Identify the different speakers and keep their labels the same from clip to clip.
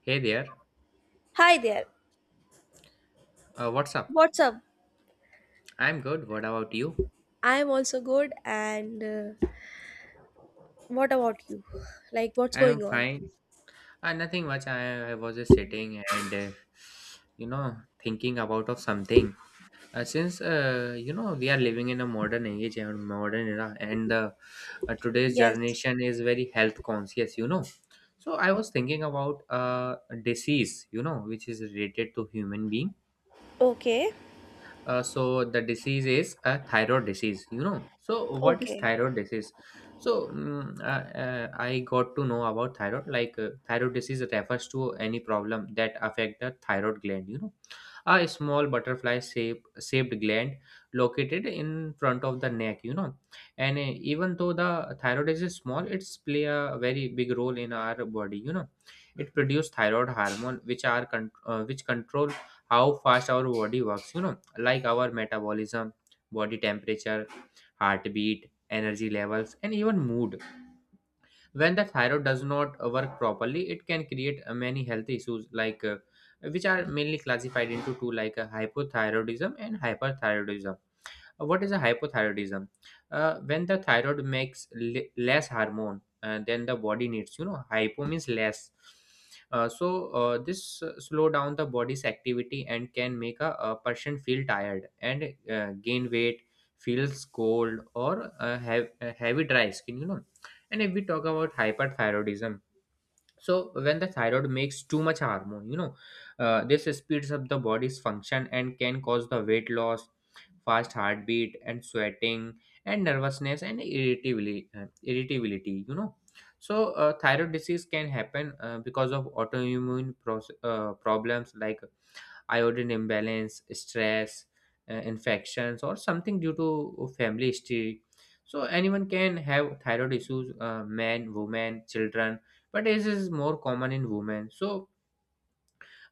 Speaker 1: Hey there,
Speaker 2: Hi there.
Speaker 1: what's up?
Speaker 2: What's up?
Speaker 1: I'm good. What about you?
Speaker 2: I'm also good. And what about you? Like, what's
Speaker 1: I'm
Speaker 2: going on?
Speaker 1: fine. Nothing much. I was just sitting and you know thinking about of something. Since we are living in a modern age and modern era, and today's
Speaker 2: Yes.
Speaker 1: generation is very health conscious. You know, so I was thinking about a disease. You know, which is related to human being.
Speaker 2: Okay.
Speaker 1: So the disease is a thyroid disease, you know. So what is
Speaker 2: Okay.
Speaker 1: thyroid disease? So I got to know about thyroid. Like thyroid disease refers to any problem that affect the thyroid gland, you know. A small butterfly shaped gland located in front of the neck, you know. And even though the thyroid is small, it's play a very big role in our body, you know. It produces thyroid hormone which are which control how fast our body works, you know, like our metabolism, body temperature, heartbeat, energy levels, and even mood. When the thyroid does not work properly, it can create many health issues, like which are mainly classified into two, like hypothyroidism and hyperthyroidism. What is a hypothyroidism? When the thyroid makes less hormone than the body needs, you know. Hypo means less. So this slow down the body's activity and can make a person feel tired and gain weight, feels cold, or have heavy dry skin, you know. And if we talk about hyperthyroidism, so when the thyroid makes too much hormone, you know, this speeds up the body's function and can cause the weight loss, fast heartbeat, and sweating, and nervousness, and irritability, you know. So thyroid disease can happen because of autoimmune problems, like iodine imbalance, stress, infections, or something due to family history. So anyone can have thyroid issues, men, women, children, but this is more common in women. so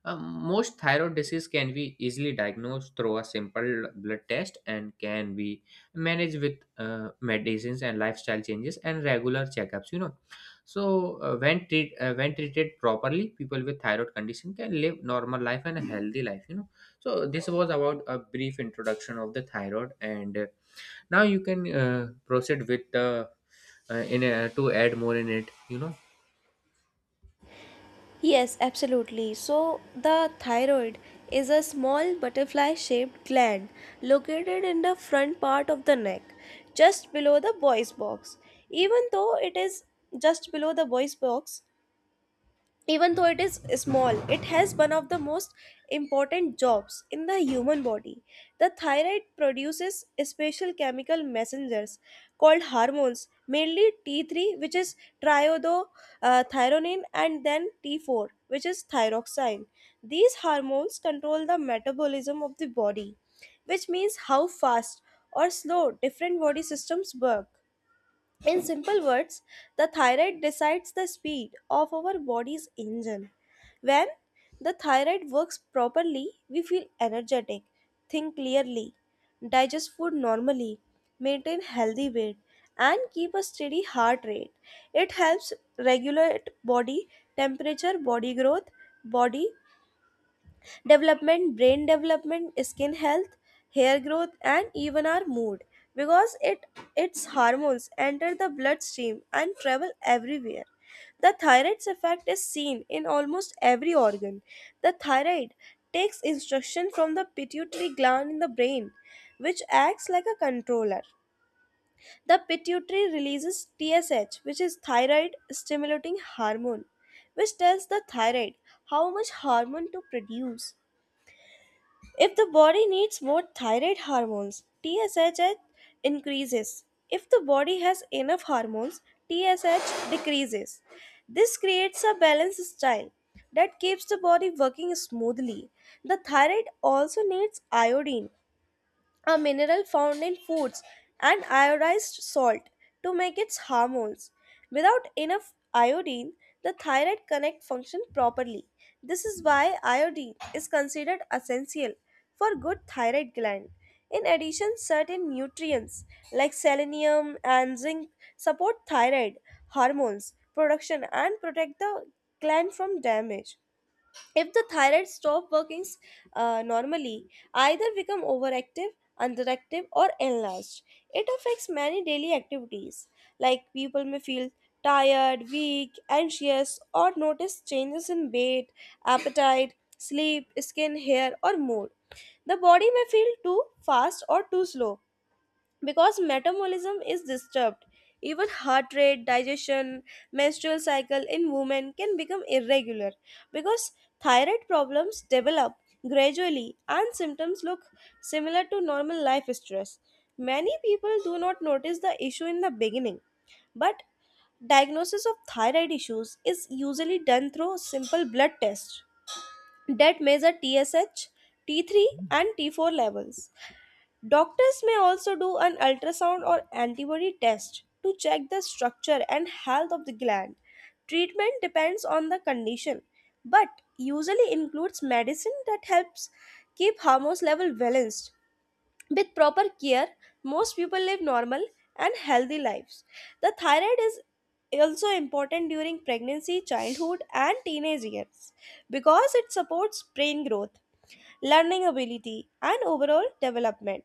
Speaker 1: um, most thyroid disease can be easily diagnosed through a simple blood test and can be managed with medicines and lifestyle changes and regular checkups. You know, so when treated properly, people with thyroid condition can live normal life and a healthy life. You know, so this was about a brief introduction of the thyroid, and now you can proceed with the in to add more in it. You know.
Speaker 2: Yes, absolutely. So, the thyroid is a small butterfly shaped gland located in the front part of the neck, just below the voice box. Even though it is just below the voice box, even though it is small, it has one of the most important jobs in the human body. The thyroid produces special chemical messengers called hormones, mainly t3, which is triiodothyronine, and then t4, which is thyroxine. These hormones control the metabolism of the body, which means how fast or slow different body systems work. In simple words, the thyroid decides the speed of our body's engine. When the thyroid works properly, we feel energetic, think clearly, digest food normally, maintain healthy weight, and keep a steady heart rate. It helps regulate body temperature, body growth, body development, brain development, skin health, hair growth, and even our mood because it its hormones enter the bloodstream and travel everywhere. The thyroid's effect is seen in almost every organ. The thyroid takes instruction from the pituitary gland in the brain, which acts like a controller. The pituitary releases TSH, which is thyroid stimulating hormone, which tells the thyroid how much hormone to produce. If the body needs more thyroid hormones, TSH increases. If the body has enough hormones, TSH decreases. This creates a balanced style that keeps the body working smoothly. The thyroid also needs iodine, a mineral found in foods and iodized salt, to make its hormones. Without enough iodine, the thyroid cannot function properly. This is why iodine is considered essential for good thyroid gland. In addition, certain nutrients like selenium and zinc support thyroid hormones production and protect the gland from damage. If the thyroid stops working normally, either become overactive, underactive, or enlarged, it affects many daily activities. Like, people may feel tired, weak, anxious, or notice changes in weight, appetite, sleep, skin, hair, or mood. The body may feel too fast or too slow because metabolism is disturbed. Even heart rate, digestion, menstrual cycle in women can become irregular. Because thyroid problems develop gradually and symptoms look similar to normal life stress, many people do not notice the issue in the beginning. But diagnosis of thyroid issues is usually done through simple blood tests that measure TSH, T3, and T4 levels. Doctors may also do an ultrasound or antibody test to check the structure and health of the gland. Treatment depends on the condition, but usually includes medicine that helps keep hormones level balanced. With proper care, most people live normal and healthy lives. The thyroid is also important during pregnancy, childhood, and teenage years because it supports brain growth, learning ability, and overall development.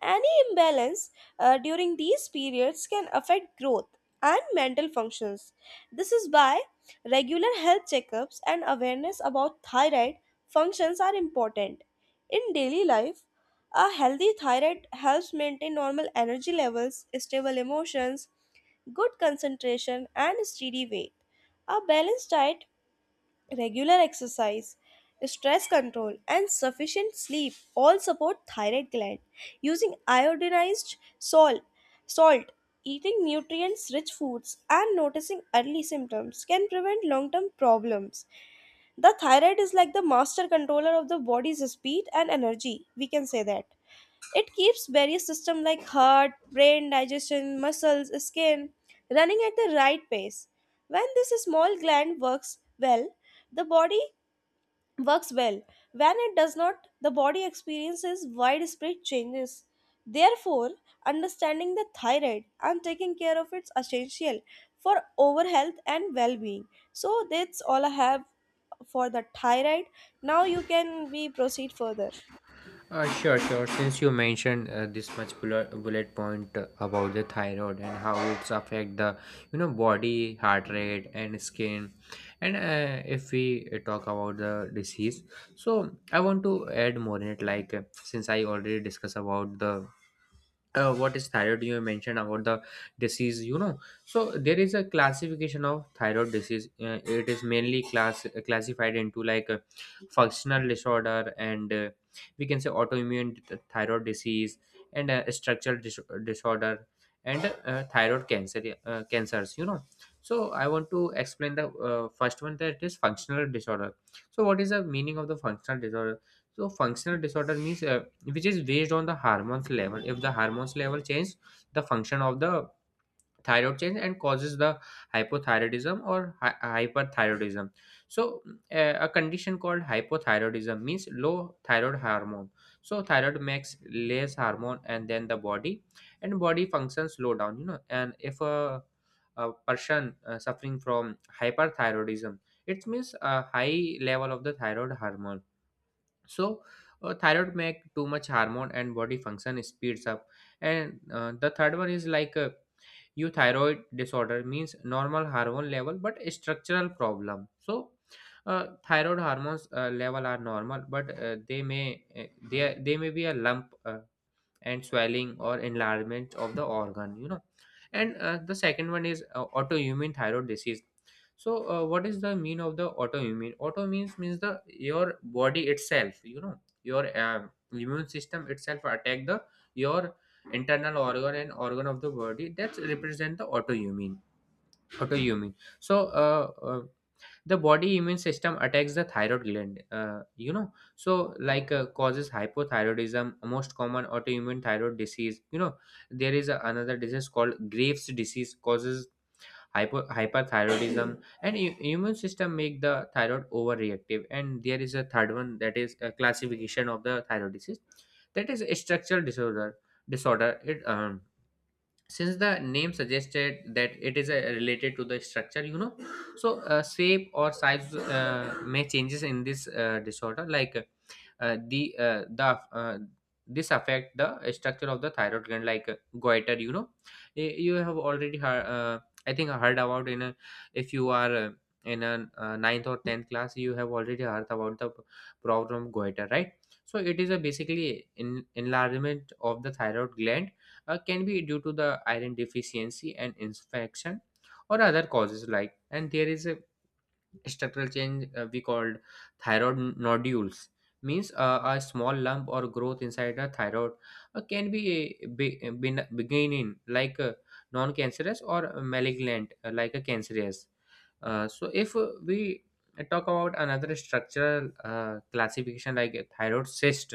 Speaker 2: Any imbalance during these periods can affect growth and mental functions. This is why regular health checkups and awareness about thyroid functions are important. In daily life, a healthy thyroid helps maintain normal energy levels, stable emotions, good concentration, and steady weight. A balanced diet, regular exercise, stress control, and sufficient sleep all support thyroid gland. Using iodinized salt, salt, eating nutrients-rich foods, and noticing early symptoms can prevent long-term problems. The thyroid is like the master controller of the body's speed and energy. We can say that. It keeps various systems like heart, brain, digestion, muscles, skin running at the right pace. When this small gland works well, the body works well. When it does not, the body experiences widespread changes. Therefore, understanding the thyroid and taking care of it's essential for overall health and well-being. So that's all I have for the thyroid. Now you can we proceed further.
Speaker 1: Sure, sure. Since you mentioned this much bullet point about the thyroid and how it's affect the, you know, body, heart rate, and skin, and if we talk about the disease, so I want to add more in it. Like since I already discussed about the what is thyroid, you mentioned about the disease, you know. So there is a classification of thyroid disease. It is mainly classified into like a functional disorder, and we can say autoimmune thyroid disease, and disorder, and thyroid cancer, cancers, you know. So I want to explain the first one, that is functional disorder. So what is the meaning of the functional disorder? So functional disorder means which is based on the hormones level. If the hormones level change, the function of the thyroid change and causes the hypothyroidism or hyperthyroidism. So a condition called hypothyroidism means low thyroid hormone. So thyroid makes less hormone and then the body and body functions slow down. You know, and if a person suffering from hyperthyroidism, it means a high level of the thyroid hormone. So thyroid make too much hormone and body function speeds up. And the third one is like euthyroid disorder means normal hormone level but a structural problem. So thyroid hormones level are normal, but they may be a lump and swelling or enlargement of the organ, you know. And the second one is autoimmune thyroid disease. So what is the mean of the autoimmune? Auto means the your body itself, you know. Your immune system itself attack the your internal organ and organ of the body. That's represent the autoimmune. So the body immune system attacks the thyroid gland, you know. So like causes hypothyroidism, most common autoimmune thyroid disease, you know. There is another disease called Graves disease causes hyperthyroidism and immune system make the thyroid overreactive. And there is a third one, that is a classification of the thyroid disease, that is a structural disorder. It Since the name suggested that it is related to the structure, you know. So shape or size may changes in this disorder. Like the uh, this affect the structure of the thyroid gland, like goiter, you know. You have already heard, I think I heard about in if you are in a ninth or 10th class, you have already heard about the problem of goiter, right? So it is a basically enlargement of the thyroid gland. Can be due to the iron deficiency and infection or other causes, like. And there is a structural change, we called thyroid nodules, means a small lump or growth inside a thyroid. Can be beginning like non-cancerous or malignant, like a cancerous. So if we talk about another structural classification, like a thyroid cyst.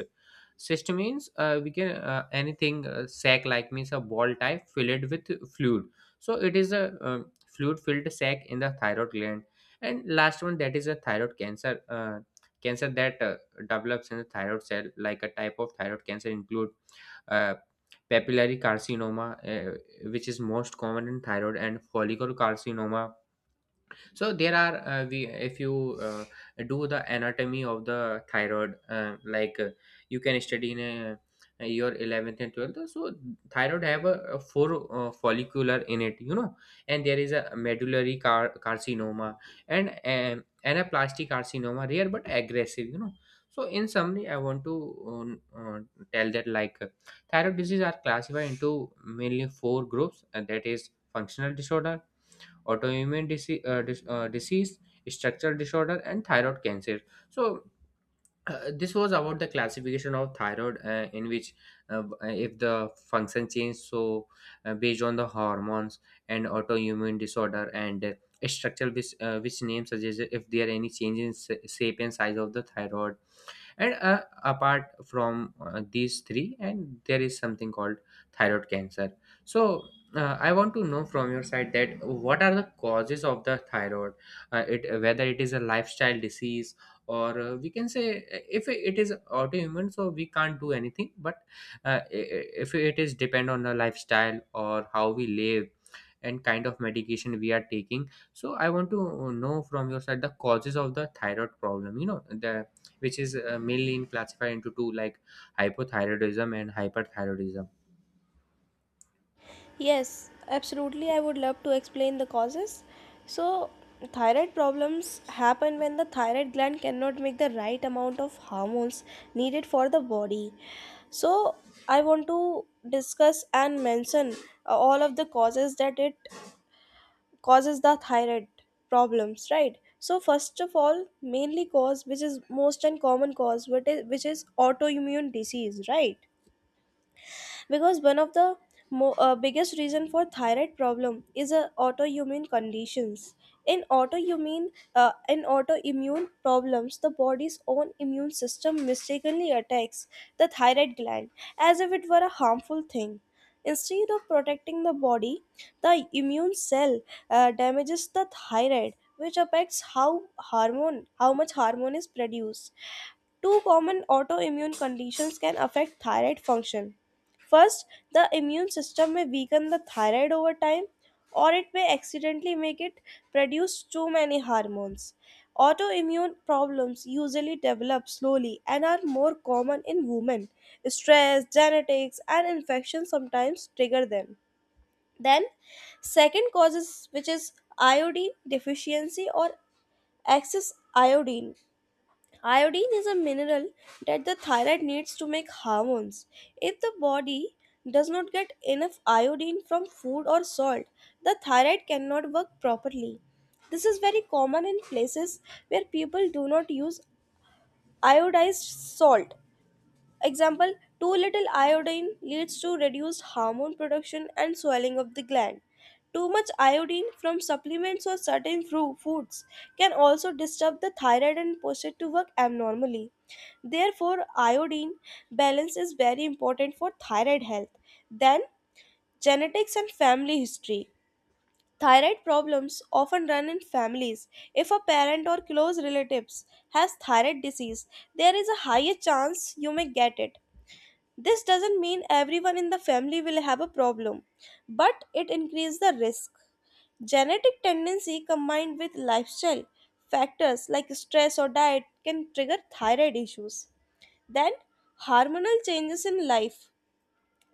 Speaker 1: Cyst means we can anything sac like, means a ball type filled with fluid. So it is a fluid filled sac in the thyroid gland. And last one, that is a thyroid cancer. Cancer that develops in the thyroid cell, like a type of thyroid cancer include uh, papillary carcinoma, which is most common in thyroid, and follicular carcinoma. So there are we, if you do the anatomy of the thyroid, you can study in your 11th and 12th. So thyroid have a four follicular in it, you know. And there is a medullary carcinoma, and anaplastic carcinoma, rare but aggressive, you know. So in summary, I want to um, uh, tell that, like thyroid disease are classified into mainly four groups, and that is functional disorder, autoimmune disease, disease, structural disorder, and thyroid cancer. So this was about the classification of thyroid, in which if the function change, so based on the hormones, and autoimmune disorder, and structural, which name suggests, if there are any change in shape and size of the thyroid. And apart from these three, and there is something called thyroid cancer. So I want to know from your side that what are the causes of the thyroid. It whether it is a lifestyle disease, or we can say, if it is autoimmune, so we can't do anything, but if it is depend on the lifestyle, or how we live, and kind of medication we are taking. So I want to know from your side the causes of the thyroid problem, you know, the which is mainly in classified into two, like hypothyroidism and hyperthyroidism.
Speaker 2: Yes, absolutely. I would love to explain the causes. So, thyroid problems happen when the thyroid gland cannot make the right amount of hormones needed for the body. So, I want to discuss and mention all of the causes that it causes the thyroid problems, right? So, first of all, mainly cause which is most and common cause, which is autoimmune disease, right? Because one of the biggest reason for thyroid problem is autoimmune conditions. In autoimmune uh, in autoimmune problems, the body's own immune system mistakenly attacks the thyroid gland as if it were a harmful thing. Instead of protecting the body, the immune cell damages the thyroid, which affects how hormone how much hormone is produced. Two common autoimmune conditions can affect thyroid function. First, the immune system may weaken the thyroid over time, or it may accidentally make it produce too many hormones. Autoimmune problems usually develop slowly and are more common in women. Stress, genetics, and infections sometimes trigger them. Then, second causes which is iodine deficiency or excess iodine. Iodine is a mineral that the thyroid needs to make hormones. If the body does not get enough iodine from food or salt, the thyroid cannot work properly. This is very common in places where people do not use iodized salt. Example, too little iodine leads to reduced hormone production and swelling of the gland. Too much iodine from supplements or certain foods can also disturb the thyroid and prostate to work abnormally. Therefore, iodine balance is very important for thyroid health. Then, genetics and family history. Thyroid problems often run in families. If a parent or close relatives has thyroid disease, there is a higher chance you may get it. This doesn't mean everyone in the family will have a problem, but it increases the risk. Genetic tendency combined with lifestyle factors like stress or diet can trigger thyroid issues. Then, hormonal changes in life.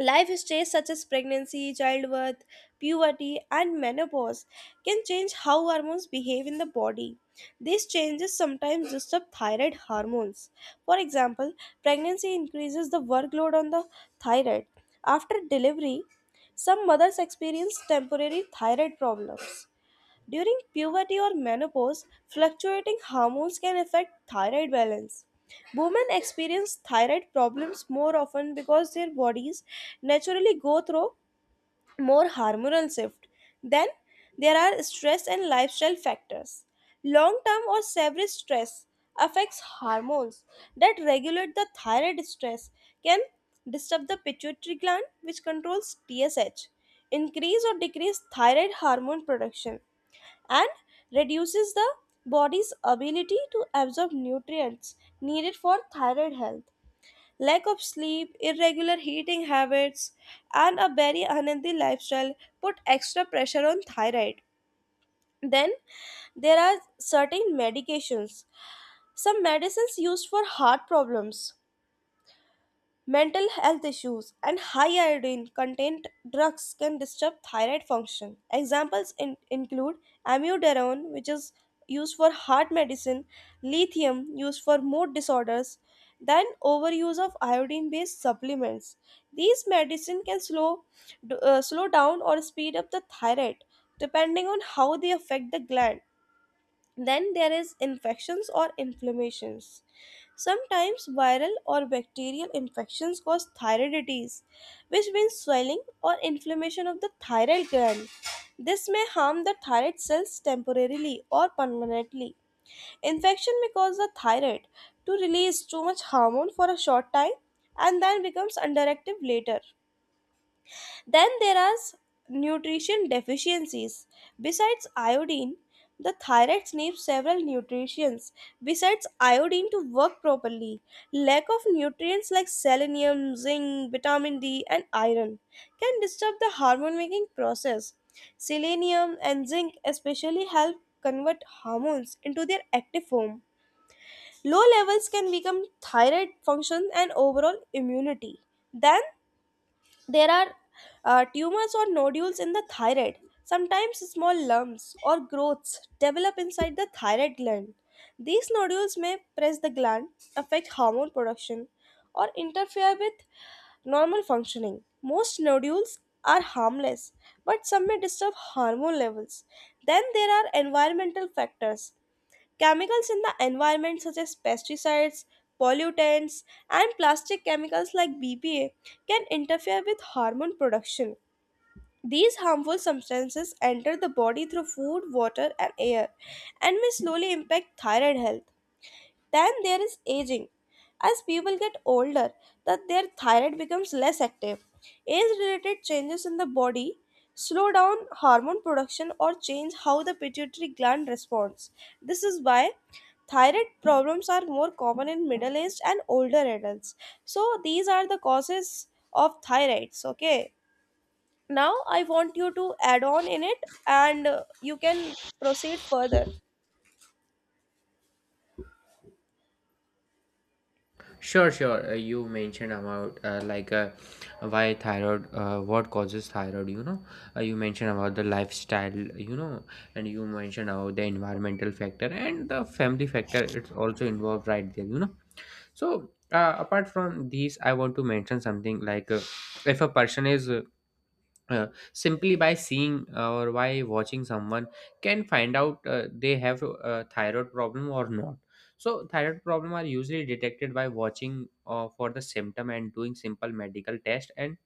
Speaker 2: Life stages such as pregnancy, childbirth, puberty, and menopause can change how hormones behave in the body. These changes sometimes disturb thyroid hormones. For example, pregnancy increases the workload on the thyroid. After delivery, some mothers experience temporary thyroid problems. During puberty or menopause, fluctuating hormones can affect thyroid balance. Women experience thyroid problems more often because their bodies naturally go through more hormonal shift. Then there are stress and lifestyle factors. Long term or severe stress affects hormones that regulate the thyroid stress, can disturb the pituitary gland, which controls TSH, increase or decrease thyroid hormone production, and reduces the body's ability to absorb nutrients needed for thyroid health. Lack of sleep, irregular eating habits, and a very unhealthy lifestyle put extra pressure on thyroid. Then there are certain medications. Some medicines used for heart problems, mental health issues, and high iodine content drugs can disturb thyroid function. Examples include amiodarone, which is used for heart medicine, lithium, used for mood disorders, then overuse of iodine based supplements. These medicine can slow down or speed up the thyroid depending on how they affect the gland. Then there is infections or inflammations. Sometimes viral or bacterial infections cause thyroiditis, which means swelling or inflammation of the thyroid gland. This may harm the thyroid cells temporarily or permanently. Infection may cause the thyroid to release too much hormone for a short time and then becomes underactive later. Then there are nutrition deficiencies. Besides iodine, the thyroid needs several nutrients besides iodine to work properly. Lack of nutrients like selenium, zinc, vitamin D, and iron can disturb the hormone making process. Selenium and zinc especially help convert hormones into their active form. Low levels can become thyroid function and overall immunity. Then there are tumors or nodules in the thyroid. Sometimes small lumps or growths develop inside the thyroid gland. These nodules may press the gland, affect hormone production, or interfere with normal functioning. Most nodules are harmless, but some may disturb hormone levels. Then there are environmental factors. Chemicals in the environment, such as pesticides, pollutants, and plastic chemicals like BPA, can interfere with hormone production. These harmful substances enter the body through food, water, and air, and may slowly impact thyroid health. Then there is aging. As people get older, that their thyroid becomes less active. Age-related changes in the body slow down hormone production or change how the pituitary gland responds. This is why thyroid problems are more common in middle-aged and older adults. So these are the causes of thyroids, okay? Now I want you to add on in it and you can proceed further.
Speaker 1: Sure, sure. You mentioned about, why thyroid, what causes thyroid, you know. You mentioned about the lifestyle, you know, and you mentioned about the environmental factor and the family factor, it's also involved right there, you know. So apart from these, I want to mention something, like if a person is uh, simply by seeing or by watching someone, can find out they have a thyroid problem or not. So thyroid problem are usually detected by watching for the symptom and doing simple medical test. And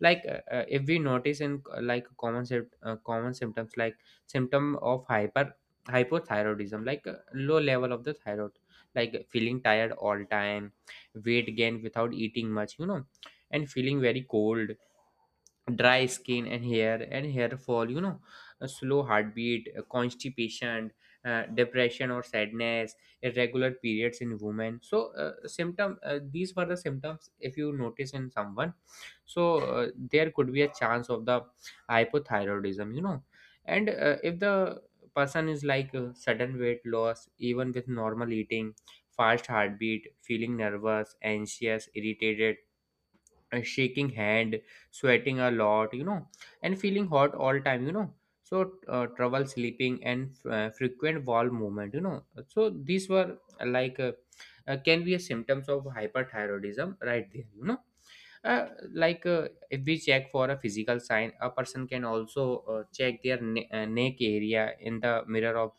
Speaker 1: like if we notice in like common symptoms, like symptom of hyper hypothyroidism, like low level of the thyroid, like feeling tired all time, weight gain without eating much, you know, and feeling very cold, dry skin and hair, and hair fall, you know, a slow heartbeat, constipation, depression or sadness, irregular periods in women. So symptom these were the symptoms, if you notice in someone, so there could be a chance of the hypothyroidism, you know. And if the person is like sudden weight loss even with normal eating, fast heartbeat, feeling nervous, anxious, irritated, a shaking hand, sweating a lot, you know, and feeling hot all time, you know. So trouble sleeping, and frequent bowel movement, you know. So these were, Can be a symptoms of hyperthyroidism right there, uh, like. If we check for a physical sign, a person can also check their neck area in the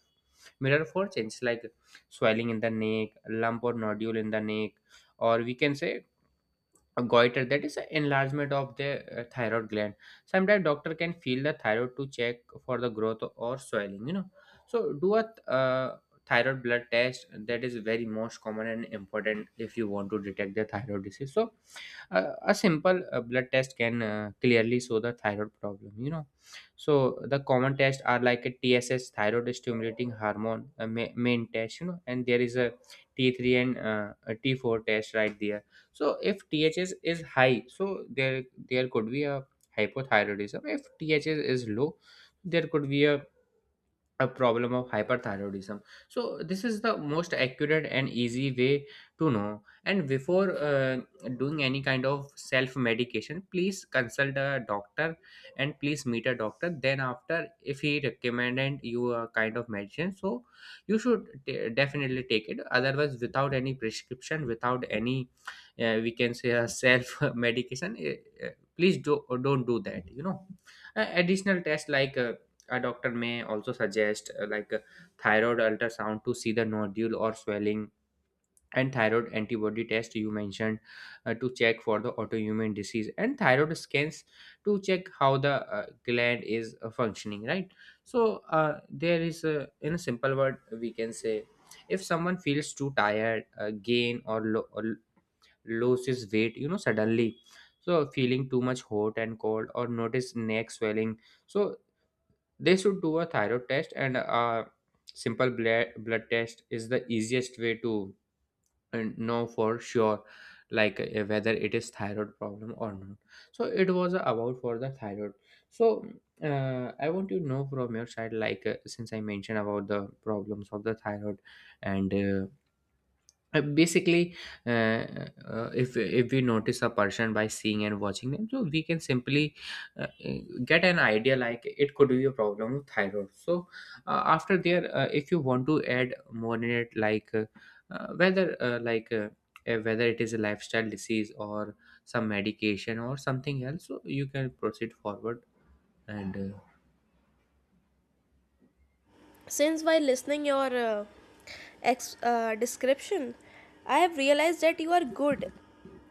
Speaker 1: mirror for change like swelling in the neck, lump or nodule in the neck, or we can say a goiter, that is an enlargement of the thyroid gland. Sometimes doctor can feel the thyroid to check for the growth or swelling, you know. So do a thyroid blood test, that is very most common and important if you want to detect the thyroid disease. So a simple blood test can clearly show the thyroid problem, you know. So the common tests are like a TSH, thyroid stimulating hormone, a main test, you know, and there is a T3 and a T4 test right there. So if THS is high, so there could be a hypothyroidism. If THS is low, there could be a problem of hyperthyroidism. So this is the most accurate and easy way to know. And before doing any kind of self medication, please consult a doctor and please meet a doctor, then after if he recommended you a kind of medicine, so you should definitely take it. Otherwise, without any prescription, without any we can say a self medication, eh, please don't do that, you know. Additional tests like a doctor may also suggest like a thyroid ultrasound to see the nodule or swelling, and thyroid antibody test you mentioned to check for the autoimmune disease, and thyroid scans to check how the gland is functioning right. So there is a, in a simple word we can say, if someone feels too tired, gain or, or loses weight, you know, suddenly, so feeling too much hot and cold or notice neck swelling, so they should do a thyroid test. And a simple blood test is the easiest way to know for sure like whether it is thyroid problem or not. So it was about for the thyroid. So I want to know from your side like since I mentioned about the problems of the thyroid, and basically if we notice a person by seeing and watching them, so we can simply uh, uh, get an idea like it could be a problem of thyroid. So after there, if you want to add more in it like whether like whether it is a lifestyle disease or some medication or something else, so you can proceed forward, and
Speaker 2: Since while listening your description, I have realized that you are good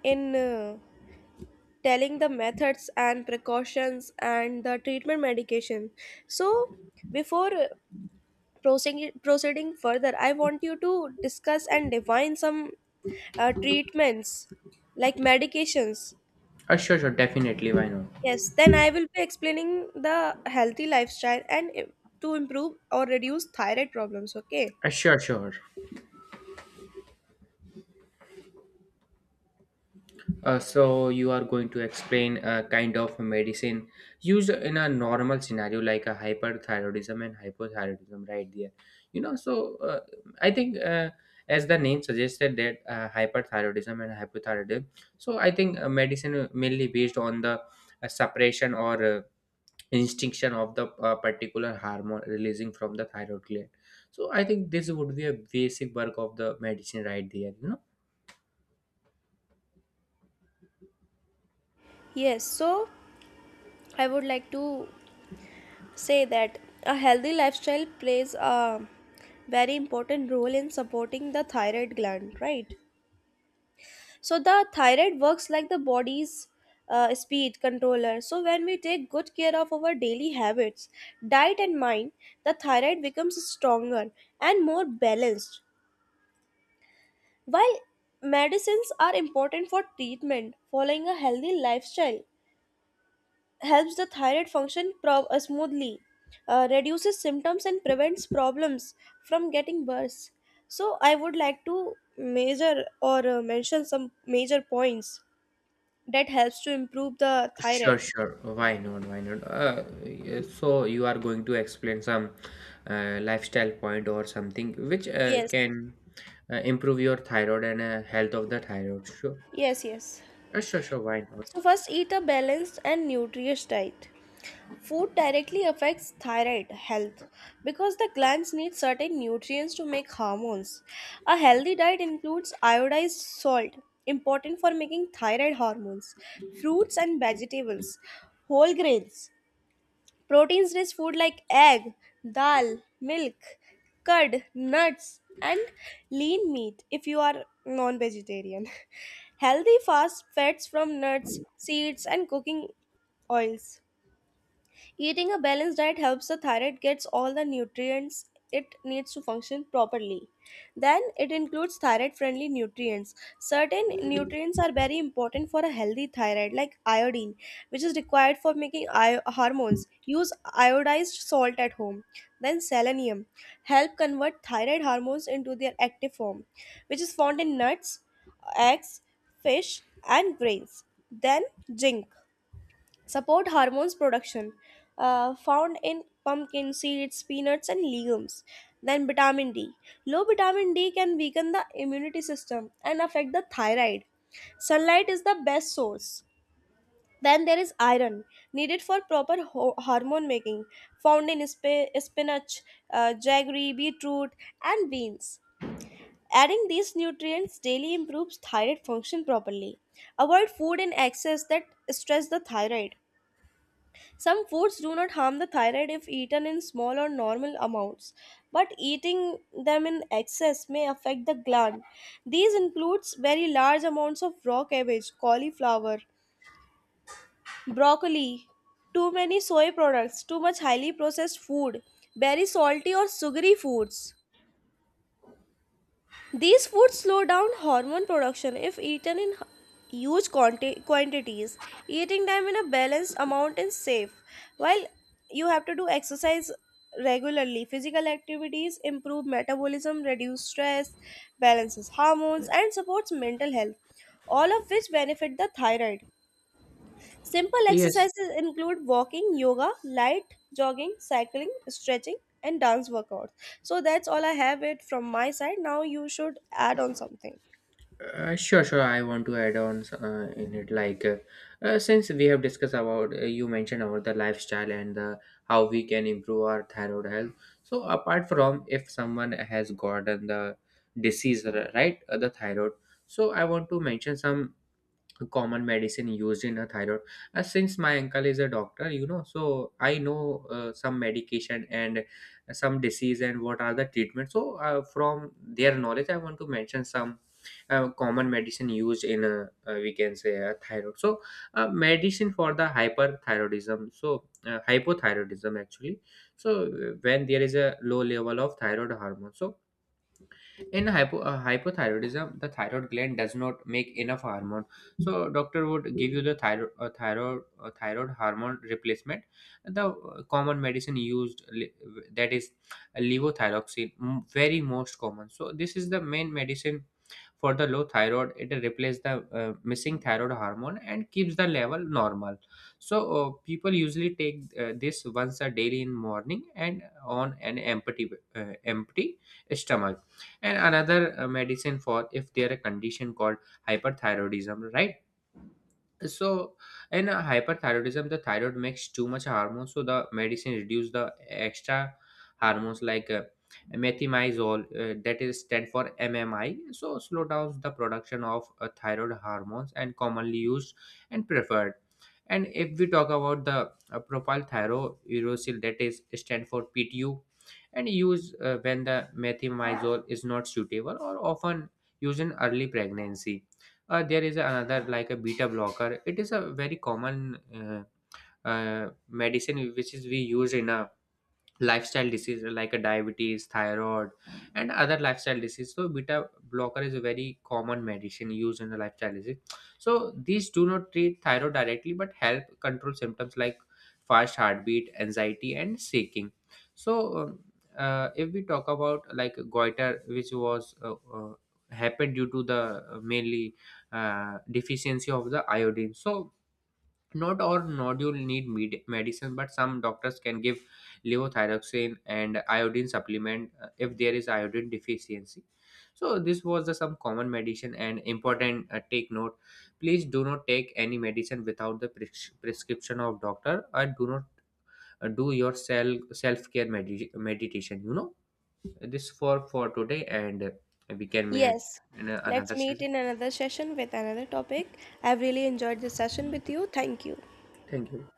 Speaker 2: in telling the methods and precautions and the treatment medication. So, before proceeding further, I want you to discuss and define some treatments like medications.
Speaker 1: sure, sure, definitely, why not.
Speaker 2: Yes, then I will be explaining the healthy lifestyle and to improve or reduce thyroid problems. Okay.
Speaker 1: Sure, sure. So you are going to explain a kind of medicine used in a normal scenario like a hyperthyroidism and hypothyroidism right there, you know. So I think as the name suggested that hyperthyroidism and hypothyroidism, so I think medicine mainly based on the suppression or instinction of the particular hormone releasing from the thyroid gland. So I think this would be a basic work of the medicine right there, you know.
Speaker 2: Yes, so I would like to say that a healthy lifestyle plays a very important role in supporting the thyroid gland, right? So, the thyroid works like the body's speed controller. So, when we take good care of our daily habits, diet, and mind, the thyroid becomes stronger and more balanced. While medicines are important for treatment, following a healthy lifestyle helps the thyroid function smoothly, reduces symptoms, and prevents problems from getting worse. So, I would like to measure or mention some major points that helps to improve the
Speaker 1: Sure,
Speaker 2: thyroid.
Speaker 1: sure. Why not? Why not? Yeah, so you are going to explain some lifestyle point or something which
Speaker 2: Yes,
Speaker 1: can improve your thyroid and health of the thyroid. Sure.
Speaker 2: yes, yes.
Speaker 1: Sure, sure. Why
Speaker 2: So,
Speaker 1: not?
Speaker 2: first, eat a balanced and nutritious diet. Food directly affects thyroid health because the glands need certain nutrients to make hormones. A healthy diet includes iodized salt, important for making thyroid hormones, fruits and vegetables, whole grains, proteins rich food like egg, dal, milk, curd, nuts, and lean meat if you are non vegetarian. Healthy fast fats from nuts, seeds, and cooking oils. Eating a balanced diet helps the thyroid gets all the nutrients it needs to function properly. Then it includes thyroid friendly nutrients. Certain nutrients are very important for a healthy thyroid like iodine, which is required for making hormones. Use iodized salt at home. Then selenium help convert thyroid hormones into their active form, which is found in nuts, eggs, fish, and grains. Then zinc support hormones production, found in pumpkin seeds, peanuts, and legumes. Then vitamin D, low vitamin D can weaken the immunity system and affect the thyroid. Sunlight is the best source. Then there is iron, needed for proper hormone making, found in spinach, jaggery, beetroot, and beans. Adding these nutrients daily improves thyroid function properly. Avoid food in excess that stress the thyroid. Some foods do not harm the thyroid if eaten in small or normal amounts, but eating them in excess may affect the gland. These includes very large amounts of raw cabbage, cauliflower, broccoli, too many soy products, too much highly processed food, very salty or sugary foods. These foods slow down hormone production if eaten in huge quantities. Eating them in a balanced amount is safe. While you have to do exercise regularly, physical activities improve metabolism, reduce stress, balances hormones, and supports mental health, all of which benefit the thyroid. Simple
Speaker 1: Yes.
Speaker 2: exercises include walking, yoga, light jogging, cycling, stretching, and dance workouts. So that's all I have it from my side. Now you should add on something.
Speaker 1: Sure, sure. I want to add on in it like since we have discussed about you mentioned about the lifestyle and the how we can improve our thyroid health. So apart from, if someone has gotten the disease, right, the thyroid. So I want to mention some common medicine used in a thyroid. Since my uncle is a doctor, you know, so I know some medication and some disease and what are the treatments. So from their knowledge I want to mention some common medicine used in a, we can say a thyroid. So medicine for the hyperthyroidism, so hypothyroidism actually. So when there is a low level of thyroid hormone, so in hypothyroidism, the thyroid gland does not make enough hormone. So doctor would give you the thyroid hormone replacement. The common medicine that is levothyroxine, very most common. So this is the main medicine for the low thyroid. It replaces the missing thyroid hormone and keeps the level normal. So people usually take this once a daily in morning and on an empty stomach. And another medicine for if there a condition called hyperthyroidism, right. So in a hyperthyroidism, the thyroid makes too much hormone, so the medicine reduce the extra hormones like methimazole, that is stand for MMI. So slow down the production of thyroid hormones and commonly used and preferred. And if we talk about the propylthyrouracil, that is stand for PTU, and use when the methimazole is not suitable or often used in early pregnancy. There is another like a beta blocker. It is a very common medicine which is we use in a lifestyle disease like a diabetes, thyroid and other lifestyle disease. So beta blocker is a very common medicine used in the lifestyle disease. So these do not treat thyroid directly but help control symptoms like fast heartbeat, anxiety and shaking. So if we talk about like goiter which was happened due to the mainly deficiency of the iodine. So not all nodule need medicine, but some doctors can give levothyroxine and iodine supplement if there is iodine deficiency. So this was the some common medicine and important take note. Please do not take any medicine without the prescription of doctor and do not do your self care meditation. You know, this for today, and we can meet
Speaker 2: Yes.
Speaker 1: in
Speaker 2: Let's
Speaker 1: another
Speaker 2: meet
Speaker 1: session.
Speaker 2: in another session with another topic. I've really enjoyed this session with you. Thank you.
Speaker 1: Thank you.